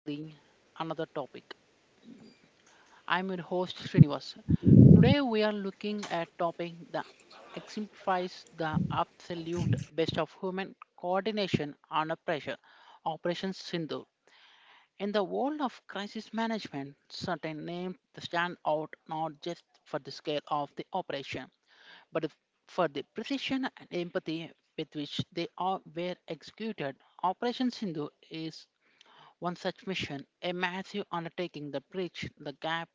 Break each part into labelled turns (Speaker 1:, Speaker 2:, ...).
Speaker 1: to the another topic. I'm your host Srinivas. Today we are looking at topic that exemplifies the absolute best of human coordination under pressure, Operation Sindhu. In the world of crisis management, certain names stand out not just for the scale of the operation, but f- for the precision and empathy with which they are were executed. Operation Sindhu is one such mission, a massive undertaking that bridged the gap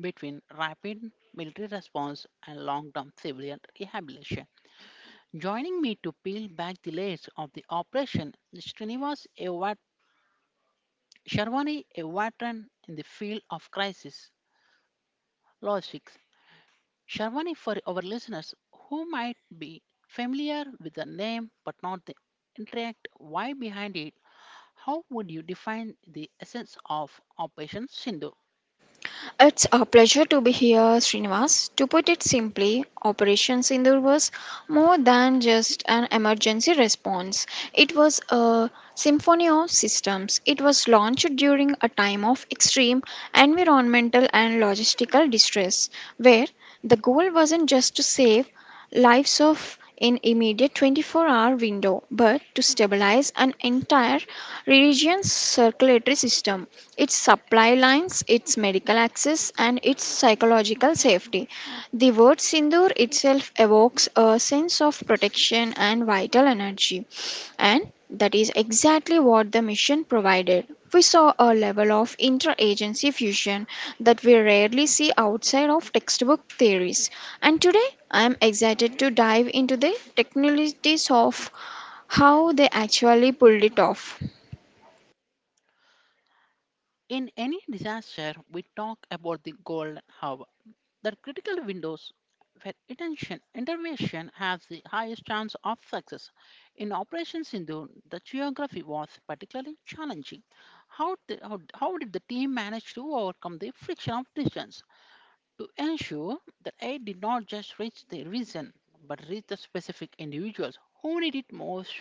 Speaker 1: between rapid military response and long term civilian rehabilitation. Joining me to peel back the layers of the operation is Sharwani, a veteran in the field of crisis logistics. Sharwani, for our listeners who might be familiar with the name but not the intricate why behind it, how would you define the essence of Operation Sindhu?
Speaker 2: It's a pleasure to be here, Srinivas. To put it simply, Operation Sindoor was more than just an emergency response. It was a symphony of systems. It was launched during a time of extreme environmental and logistical distress, where the goal wasn't just to save lives of an immediate 24-hour window, but to stabilize an entire region's circulatory system, its supply lines, its medical access, and its psychological safety. The word Sindoor itself evokes a sense of protection and vital energy, and that is exactly what the mission provided. We saw a level of interagency fusion that we rarely see outside of textbook theories. And today, I am excited to dive into the technicalities of how they actually pulled it off.
Speaker 1: In any disaster, we talk about the golden hour, the critical windows where attention intervention has the highest chance of success. In Operation Sindhu, the geography was particularly challenging. How did the team manage to overcome the friction of distance to ensure that aid did not just reach the region but reach the specific individuals who need it most?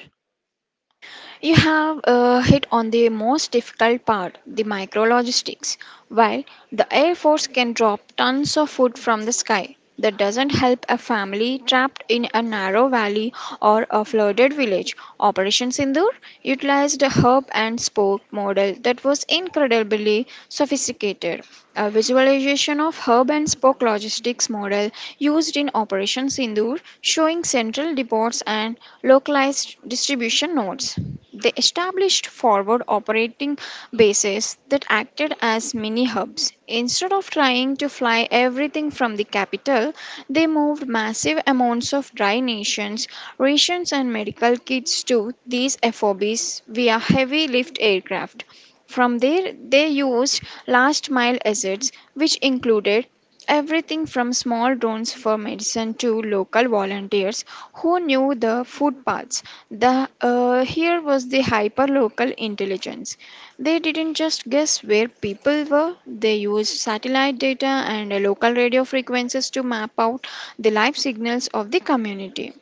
Speaker 2: You have hit on the most difficult part, the micrologistics. While the Air Force can drop tons of food from the sky, that doesn't help a family trapped in a narrow valley or a flooded village. Operation Sindoor utilized a herb and spoke model that was incredibly sophisticated. A visualization of herb and spoke logistics model used in Operation Sindoor, showing central depots and localized distribution nodes. They established forward operating bases that acted as mini hubs. Instead of trying to fly everything from the capital, they moved massive amounts of dry nations, rations, and medical kits to these FOBs via heavy lift aircraft. From there, they used last mile assets, which included everything from small drones for medicine to local volunteers who knew the footpaths. Here was the hyper-local intelligence. They didn't just guess where people were, they used satellite data and local radio frequencies to map out the life signals of the community.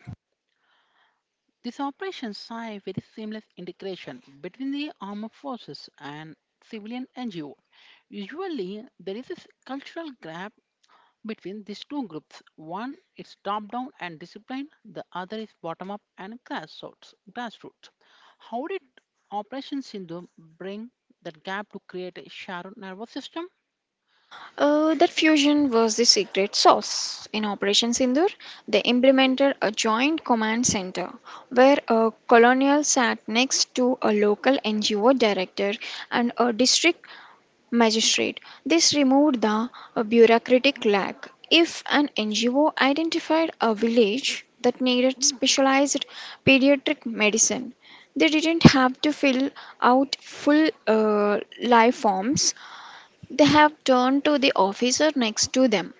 Speaker 1: These operations saw a very seamless integration between the armed forces and civilian NGO. Usually, there is a cultural gap between these two groups. One is top down and disciplined, the other is bottom up and grassroots. How did Operation Sindhu bring that gap to create a shared nervous system?
Speaker 2: That fusion was the secret sauce. In Operation Sindur, they implemented a joint command center where a colonel sat next to a local NGO director and a district magistrate. This removed the bureaucratic lag. If an NGO identified a village that needed specialized pediatric medicine, they didn't have to fill out full life forms. They have turned to the officer next to them,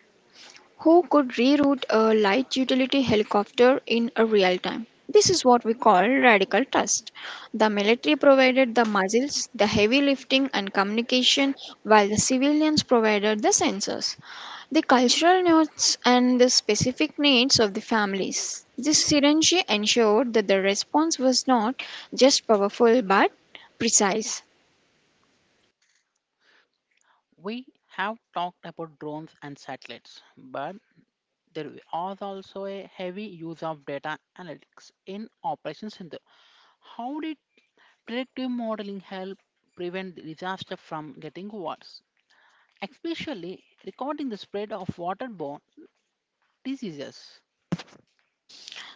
Speaker 2: who could reroute a light utility helicopter in a real time. This is what we call radical trust. The military provided the muzzles, the heavy lifting and communication, while the civilians provided the sensors, the cultural needs, and the specific needs of the families. This synergy ensured that the response was not just powerful but precise.
Speaker 1: We have talked about drones and satellites, but there was also a heavy use of data analytics in Operation Sindhu. How did predictive modeling help prevent the disaster from getting worse, especially recording the spread of waterborne diseases?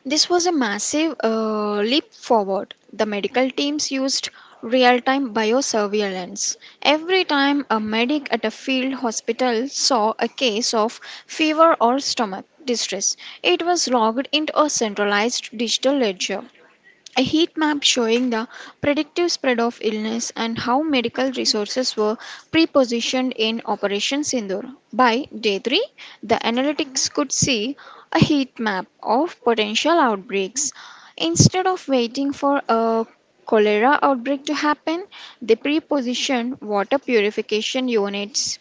Speaker 2: This was a massive leap forward. The medical teams used real time biosurveillance. Every time a medic at a field hospital saw a case of fever or stomach distress, it was logged into a centralized digital ledger. A heat map showing the predictive spread of illness and how medical resources were prepositioned in Operation Sindoor. By day 3, the analytics could see a heat map of potential outbreaks. Instead of waiting for a cholera outbreak to happen, they prepositioned water purification units.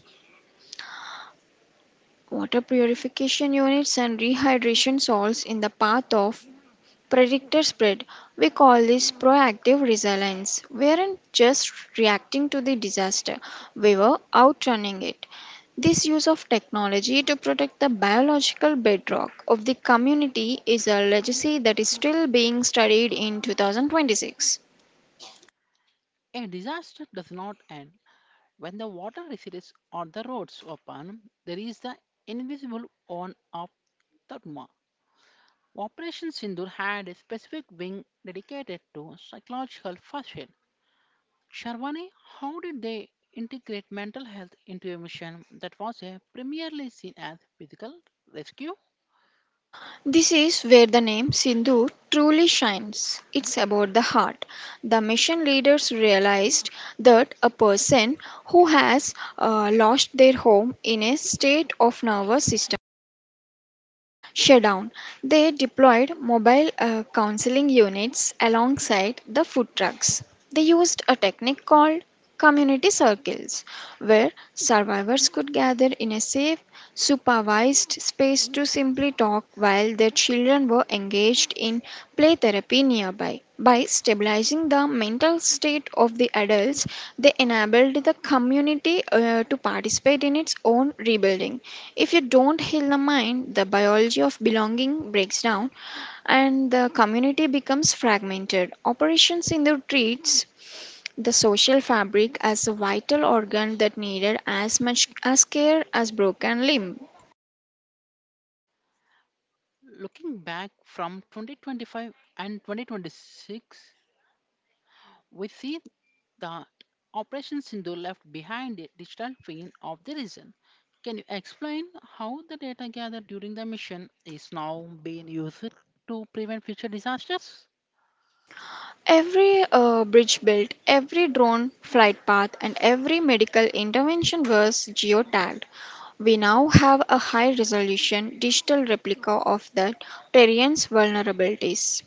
Speaker 2: Water purification units and rehydration salts in the path of predictor spread. We call this proactive resilience. We aren't just reacting to the disaster, we were outrunning it. This use of technology to protect the biological bedrock of the community is a legacy that is still being studied in 2026.
Speaker 1: A disaster does not end when the water recedes or the roads open. There is the invisible on of Tatma. Operation Sindur had a specific wing dedicated to psychological first aid. Sharwani, how did they integrate mental health into a mission that was a primarily seen as physical rescue?
Speaker 2: This is where the name Sindhu truly shines. It's about the heart. The mission leaders realized that a person who has lost their home in a state of nervous system shutdown. They deployed mobile counseling units alongside the food trucks. They used a technique called community circles, where survivors could gather in a safe, supervised space to simply talk while their children were engaged in play therapy nearby. By stabilizing the mental state of the adults, they enabled the community to participate in its own rebuilding. If you don't heal the mind, the biology of belonging breaks down and the community becomes fragmented. Operations in the treats the social fabric as a vital organ that needed as much as care as broken limb.
Speaker 1: Looking back from 2025 and 2026, we see that Operation Sindhu left behind a digital twin of the region. Can you explain how the data gathered during the mission is now being used to prevent future disasters?
Speaker 2: Every bridge built, every drone flight path, and every medical intervention was geotagged. We now have a high resolution digital replica of the terrain's vulnerabilities.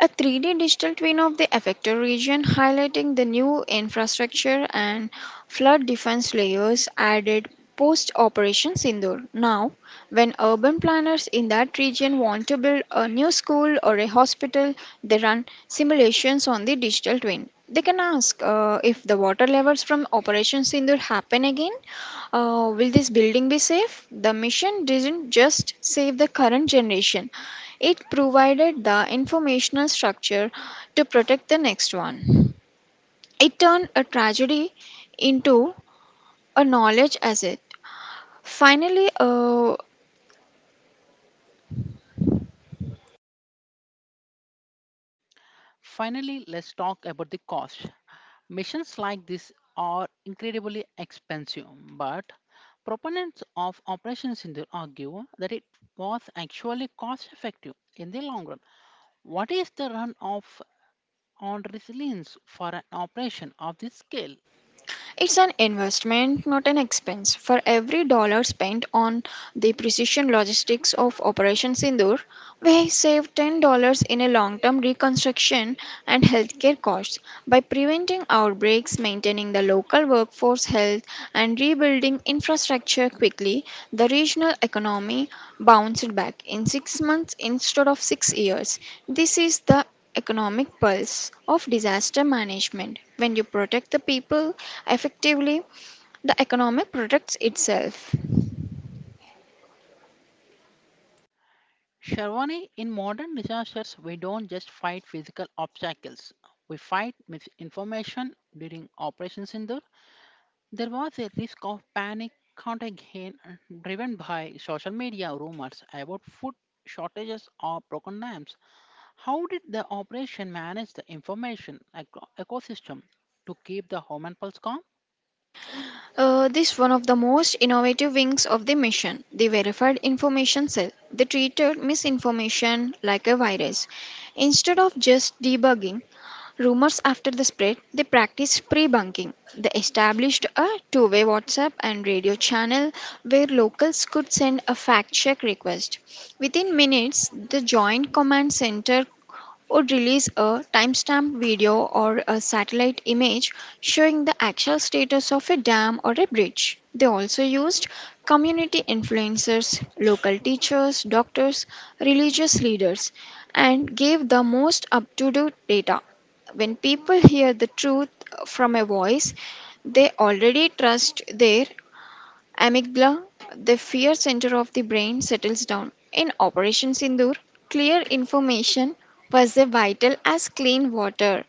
Speaker 2: A 3D digital twin of the affected region, highlighting the new infrastructure and flood defense layers added post Operation Sindoor. Now, when urban planners in that region want to build a new school or a hospital, they run simulations on the digital twin. They can ask, if the water levels from Operation Sindoor happen again, will this building be safe? The mission did not just save the current generation, it provided the informational structure to protect the next one. It turned a tragedy into a knowledge asset. Finally, uh,
Speaker 1: Finally, let's talk about the cost. Missions like this are incredibly expensive, but proponents of Operation Sindur argue that it was actually cost effective in the long run. What is the run off on resilience for an operation of this scale?
Speaker 2: It's an investment, not an expense. For every dollar spent on the precision logistics of Operation Sindoor, we save $10 in a long term reconstruction and healthcare costs by preventing outbreaks, maintaining the local workforce health, and rebuilding infrastructure quickly. The regional economy bounced back in 6 months instead of 6 years. This is the economic pulse of disaster management. When you protect the people effectively, the economic protects itself.
Speaker 1: Sharwani, in modern disasters, we don't just fight physical obstacles. We fight misinformation during Operation Sindur, there was a risk of panic contagion driven by social media rumors about food shortages or broken dams. How did the operation manage the ecosystem to keep the human pulse calm?
Speaker 2: This one of the most innovative wings of the mission, the verified information cell. They treated misinformation like a virus. Instead of just debugging rumors after the spread, they practiced pre-bunking. They established a two-way WhatsApp and radio channel where locals could send a fact-check request. Within minutes, the Joint Command Center or release a timestamp video or a satellite image showing the actual status of a dam or a bridge. They also used community influencers, local teachers, doctors, religious leaders, and gave the most up to date data. When people hear the truth from a voice they already trust, their amygdala, the fear center of the brain, settles down. In Operation Sindoor, clear information was as vital as clean water.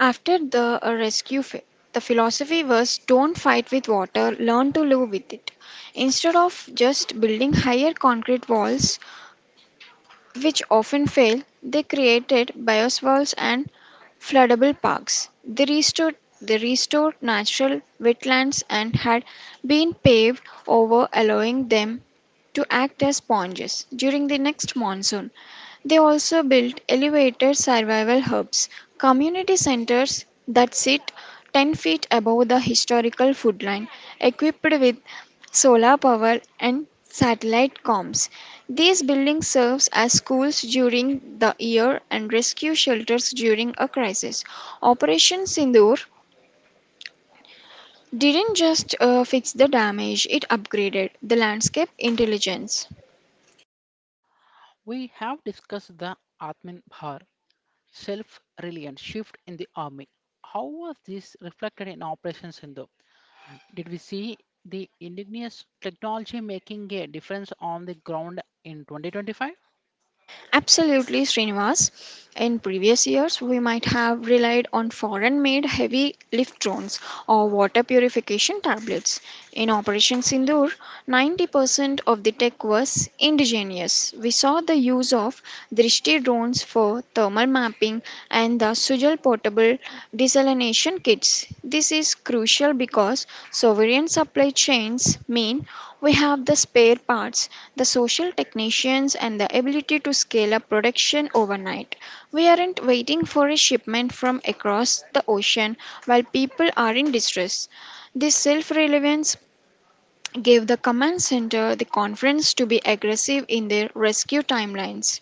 Speaker 2: After the rescue, the philosophy was, don't fight with water, learn to live with it. Instead of just building higher concrete walls, which often fail, they created bioswales and floodable parks. They restored natural wetlands and had been paved over, allowing them to act as sponges during the next monsoon. They also built elevated survival hubs, community centers that sit 10 feet above the historical food line, equipped with solar power and satellite comms. These buildings serve as schools during the year and rescue shelters during a crisis. Operation Sindoor didn't just fix the damage, it upgraded the landscape intelligence. Absolutely, Srinivas. In previous years, we might have relied on foreign made heavy lift drones or water purification tablets. In Operation Sindoor, 90% of the tech was indigenous. We saw the use of Drishti drones for thermal mapping and the Sujal portable desalination kits. This is crucial because sovereign supply chains mean we have the spare parts, the social technicians, and the ability to scale up production overnight. We aren't waiting for a shipment from across the ocean while people are in distress. This self relevance gave the command center the confidence to be aggressive in their rescue timelines.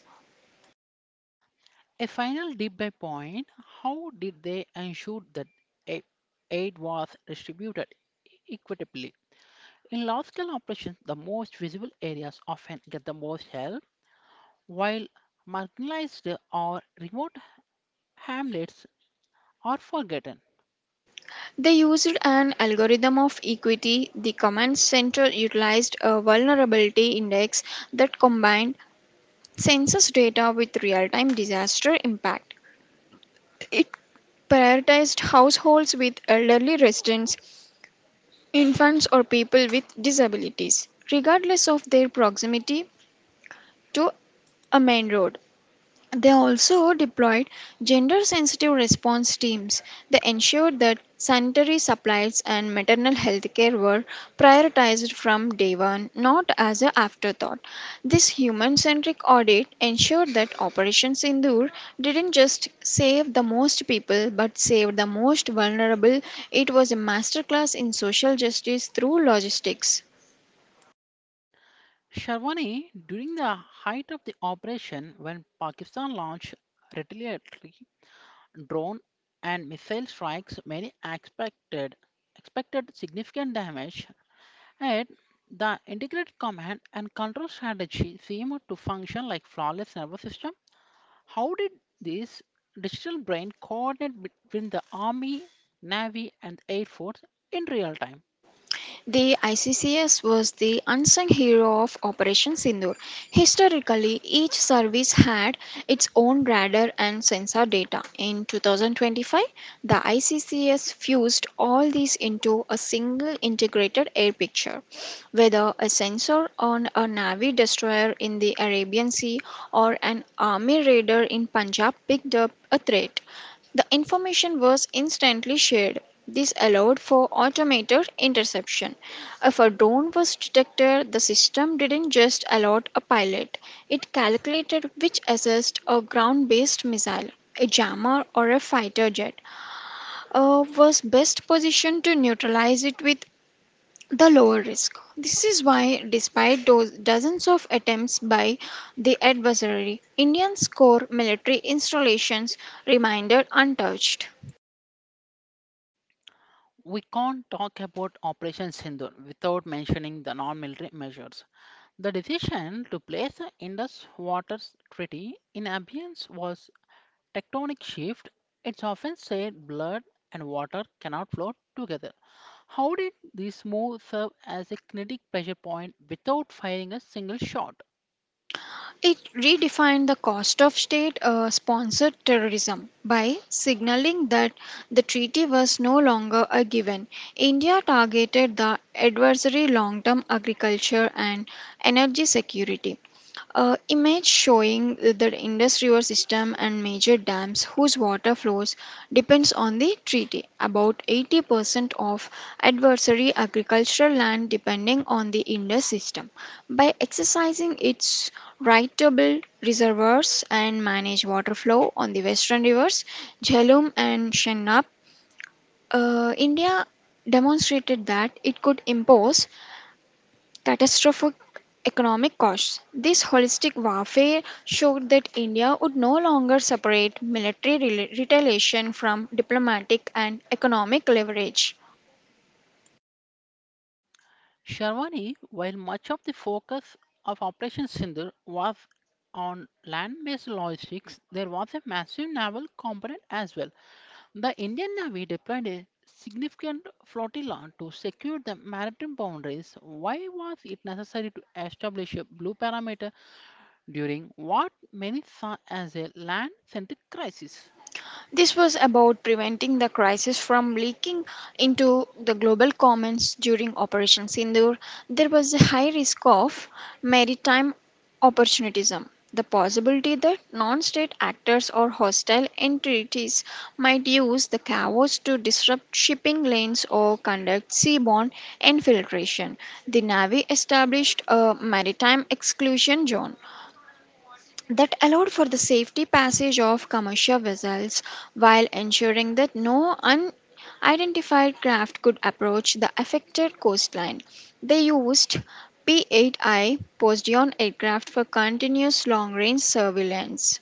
Speaker 2: They used an algorithm of equity. The command center utilized a vulnerability index that combined census data with real time disaster impact. It prioritized households with elderly residents, infants, or people with disabilities, regardless of their proximity to a main road. They also deployed gender sensitive response teams. They ensured that sanitary supplies and maternal health care were prioritized from day one, not as an afterthought. This human centric audit ensured that Operation Sindoor didn't just save the most people but saved the most vulnerable. It was a masterclass in social justice through logistics. The ICCS was the unsung hero of Operation Sindoor. Historically, each service had its own radar and sensor data. In 2025, the ICCS fused all these into a single integrated air picture. Whether a sensor on a Navy destroyer in the Arabian Sea or an army radar in Punjab picked up a threat, the information was instantly shared. This allowed for automated interception. If a drone was detected, the system didn't just alert a pilot, it calculated which assessed a ground based missile, a jammer, or a fighter jet was best positioned to neutralize it with the lower risk. This is why, despite those dozens of attempts by the adversary, Indian's core military installations remained untouched. It redefined the cost of state sponsored terrorism by signaling that the treaty was no longer a given. India targeted the adversary long term agriculture and energy security. Image showing the Indus River system and major dams whose water flows depends on the treaty. About 80% of adversary agricultural land depending on the Indus system. By exercising its right to build reservoirs and manage water flow on the western rivers, Jhelum and Chenab, India demonstrated that it could impose catastrophic economic costs. This holistic warfare showed that India would no longer separate military retaliation from diplomatic and economic leverage. This was about preventing the crisis from leaking into the global commons during Operation Sindoor. There was a high risk of maritime opportunism, the possibility that non state actors or hostile entities might use the chaos to disrupt shipping lanes or conduct seaborne infiltration. The Navy established a maritime exclusion zone that allowed for the safety passage of commercial vessels while ensuring that no unidentified craft could approach the affected coastline. They used P 8I Poseidon aircraft for continuous long range surveillance.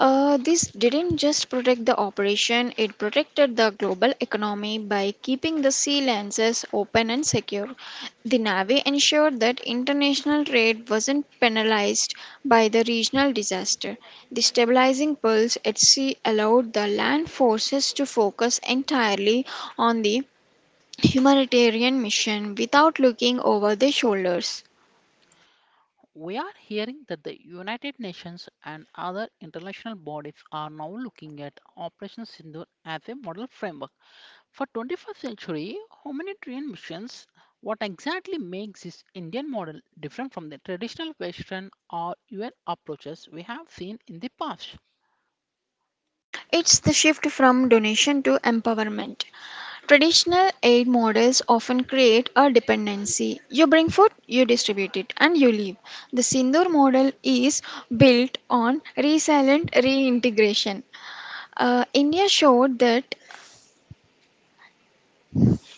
Speaker 2: This didn't just protect the operation, it protected the global economy by keeping the sea lances open and secure. The Navy ensured that international trade wasn't penalized by the regional disaster. The stabilizing pulse at sea allowed the land forces to focus entirely on the humanitarian mission without looking over their shoulders. It's the shift from donation to empowerment. Traditional aid models often create a dependency. You bring food, you distribute it, and you leave. The Sindoor model is built on resilient reintegration. India showed that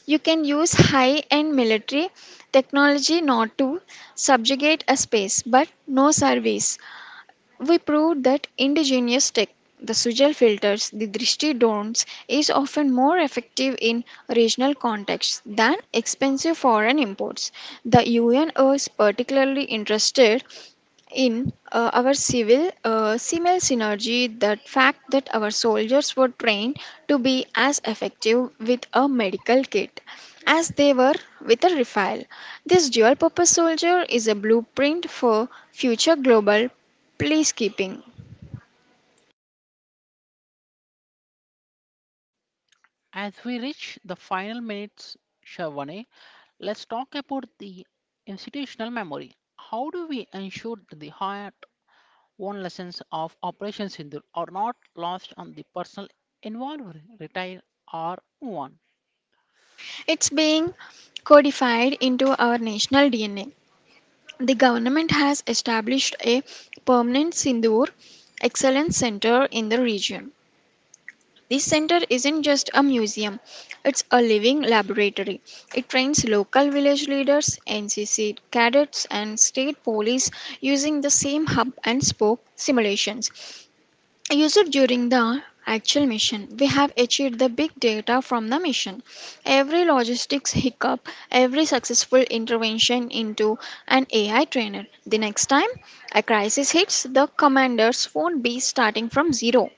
Speaker 2: you can use high end military technology not to subjugate a space but no service. We proved that indigenous tech, the Sujal filters, the Drishti don'ts, is often more effective in regional contexts than expensive foreign imports. The UN is particularly interested in our civil CML synergy, the fact that our soldiers were trained to be as effective with a medical kit as they were with a rifle. This dual purpose soldier is a blueprint for future global peacekeeping. It's being codified into our national DNA. The government has established a permanent Sindoor Excellence Center in the region. This center isn't just a museum, it's a living laboratory. It trains local village leaders, NCC cadets, and state police using the same hub and spoke simulations. Used during the actual mission, we have achieved the big data from the mission. Every logistics hiccup, every successful intervention into an AI trainer. The next time a crisis hits, the commanders won't be starting from zero.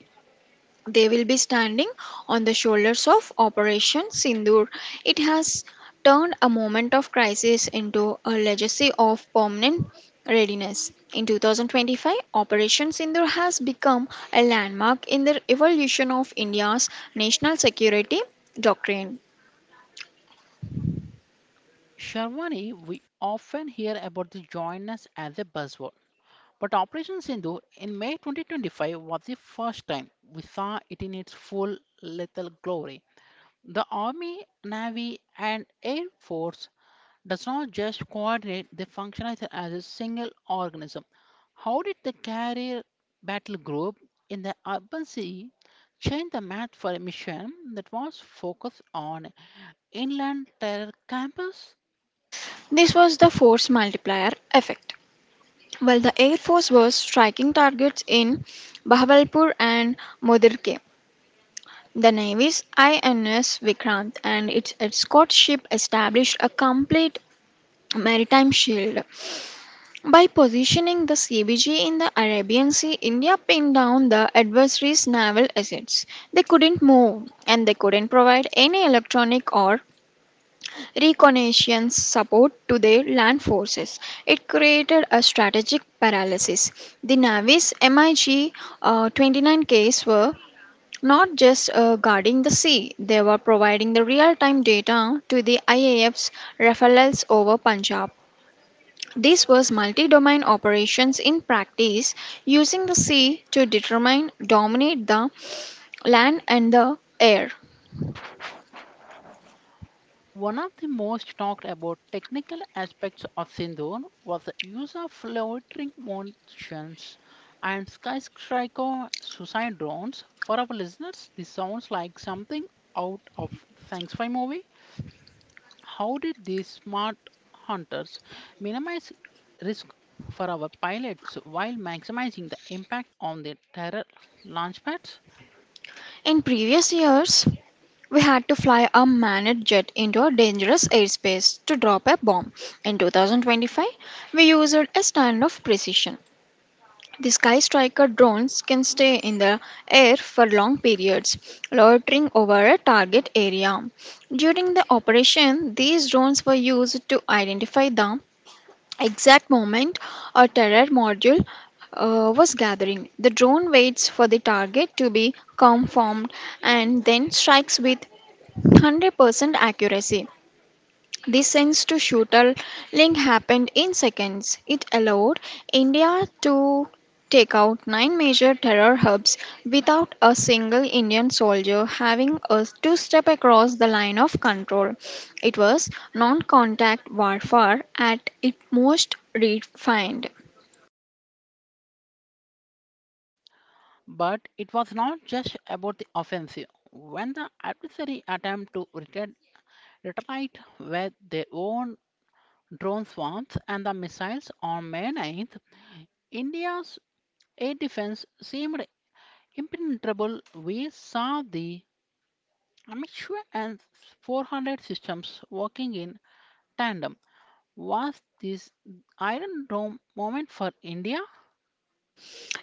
Speaker 2: They will be standing on the shoulders of Operation Sindoor. It has turned a moment of crisis into a legacy of permanent readiness. In 2025, Operation Sindoor has become a landmark in the evolution of India's national security doctrine. This was the force multiplier effect. While the Air Force was striking targets in Bahawalpur and Modirke, the Navy's INS Vikrant and its escort ship established a complete maritime shield. By positioning the CBG in the Arabian Sea, India pinned down the adversary's naval assets. They couldn't move, and they couldn't provide any electronic or reconnaissance support to their land forces. It created a strategic paralysis. The Navy's MiG 29Ks were not just guarding the sea, they were providing the real time data to the IAF's Rafales over Punjab. This was multi domain operations in practice, using the sea to determine, dominate the land and the air. In previous years, we had to fly a manned jet into a dangerous airspace to drop a bomb. In 2025, we used a standard of precision. The Sky Striker drones can stay in the air for long periods, loitering over a target area. During the operation, these drones were used to identify the exact moment a terror module was gathering. The drone waits for the target to be confirmed and then strikes with 100% accuracy. This sense to shooter link happened in seconds. It allowed India to take out 9 major terror hubs without a single Indian soldier having a two step across the line of control. It was non contact warfare at its most refined.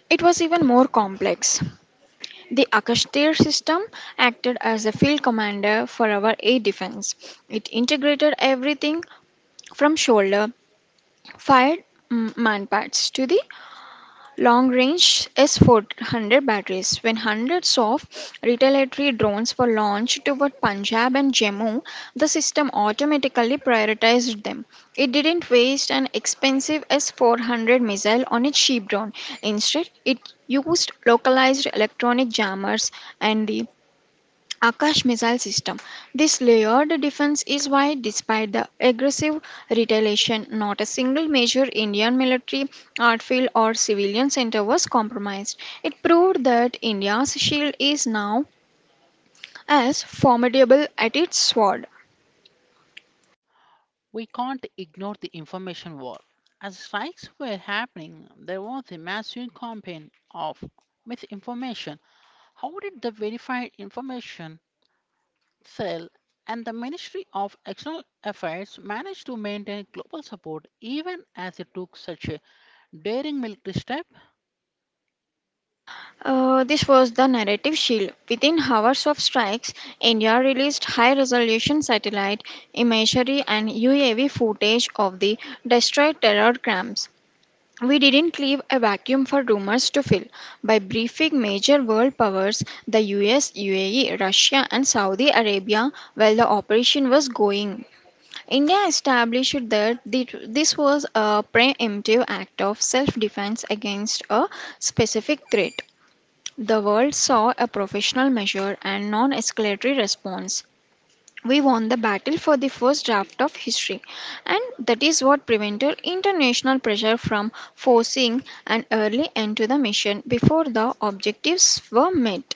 Speaker 2: It was even more complex. The Akashtir system acted as a field commander for our air defense. It integrated everything from shoulder fired manpads to the long range S 400 batteries. When hundreds of retaliatory drones were launched toward Punjab and Jammu, the system automatically prioritized them. It didn't waste an expensive S 400 missile on a cheap drone. Instead, it used localized electronic jammers and the Akash missile system. This layered defense is why, despite the aggressive retaliation, not a single major Indian military, art field, or civilian center was compromised. It proved that India's shield is now as formidable as its sword. This was the narrative shield. Within hours of strikes, India released high resolution satellite imagery and UAV footage of the destroyed terror camps. We didn't leave a vacuum for rumors to fill by briefing major world powers, the US, UAE, Russia, and Saudi Arabia, while the operation was going. India established that this was a preemptive act of self defense against a specific threat. The world saw a professional measure and non escalatory response. We won the battle for the first draft of history, and that is what prevented international pressure from forcing an early end to the mission before the objectives were met.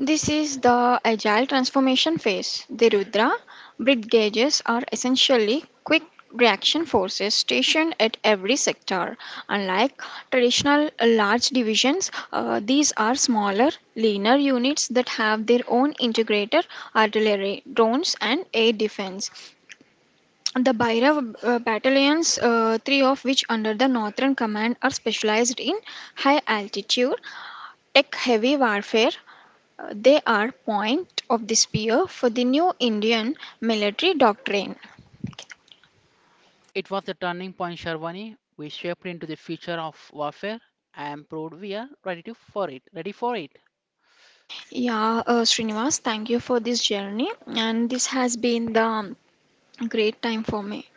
Speaker 2: This is the agile transformation phase. The Rudra Brit gauges are essentially quick reaction forces stationed at every sector. Unlike traditional large divisions, these are smaller, leaner units that have their own integrated artillery, drones, and air defense. The Bhairav battalions, 3 of which under the Northern Command, are specialized in high altitude, tech heavy warfare. They are point of the spear for the new Indian military doctrine. Yeah, Srinivas, thank you for this journey, and this has been the great time for me.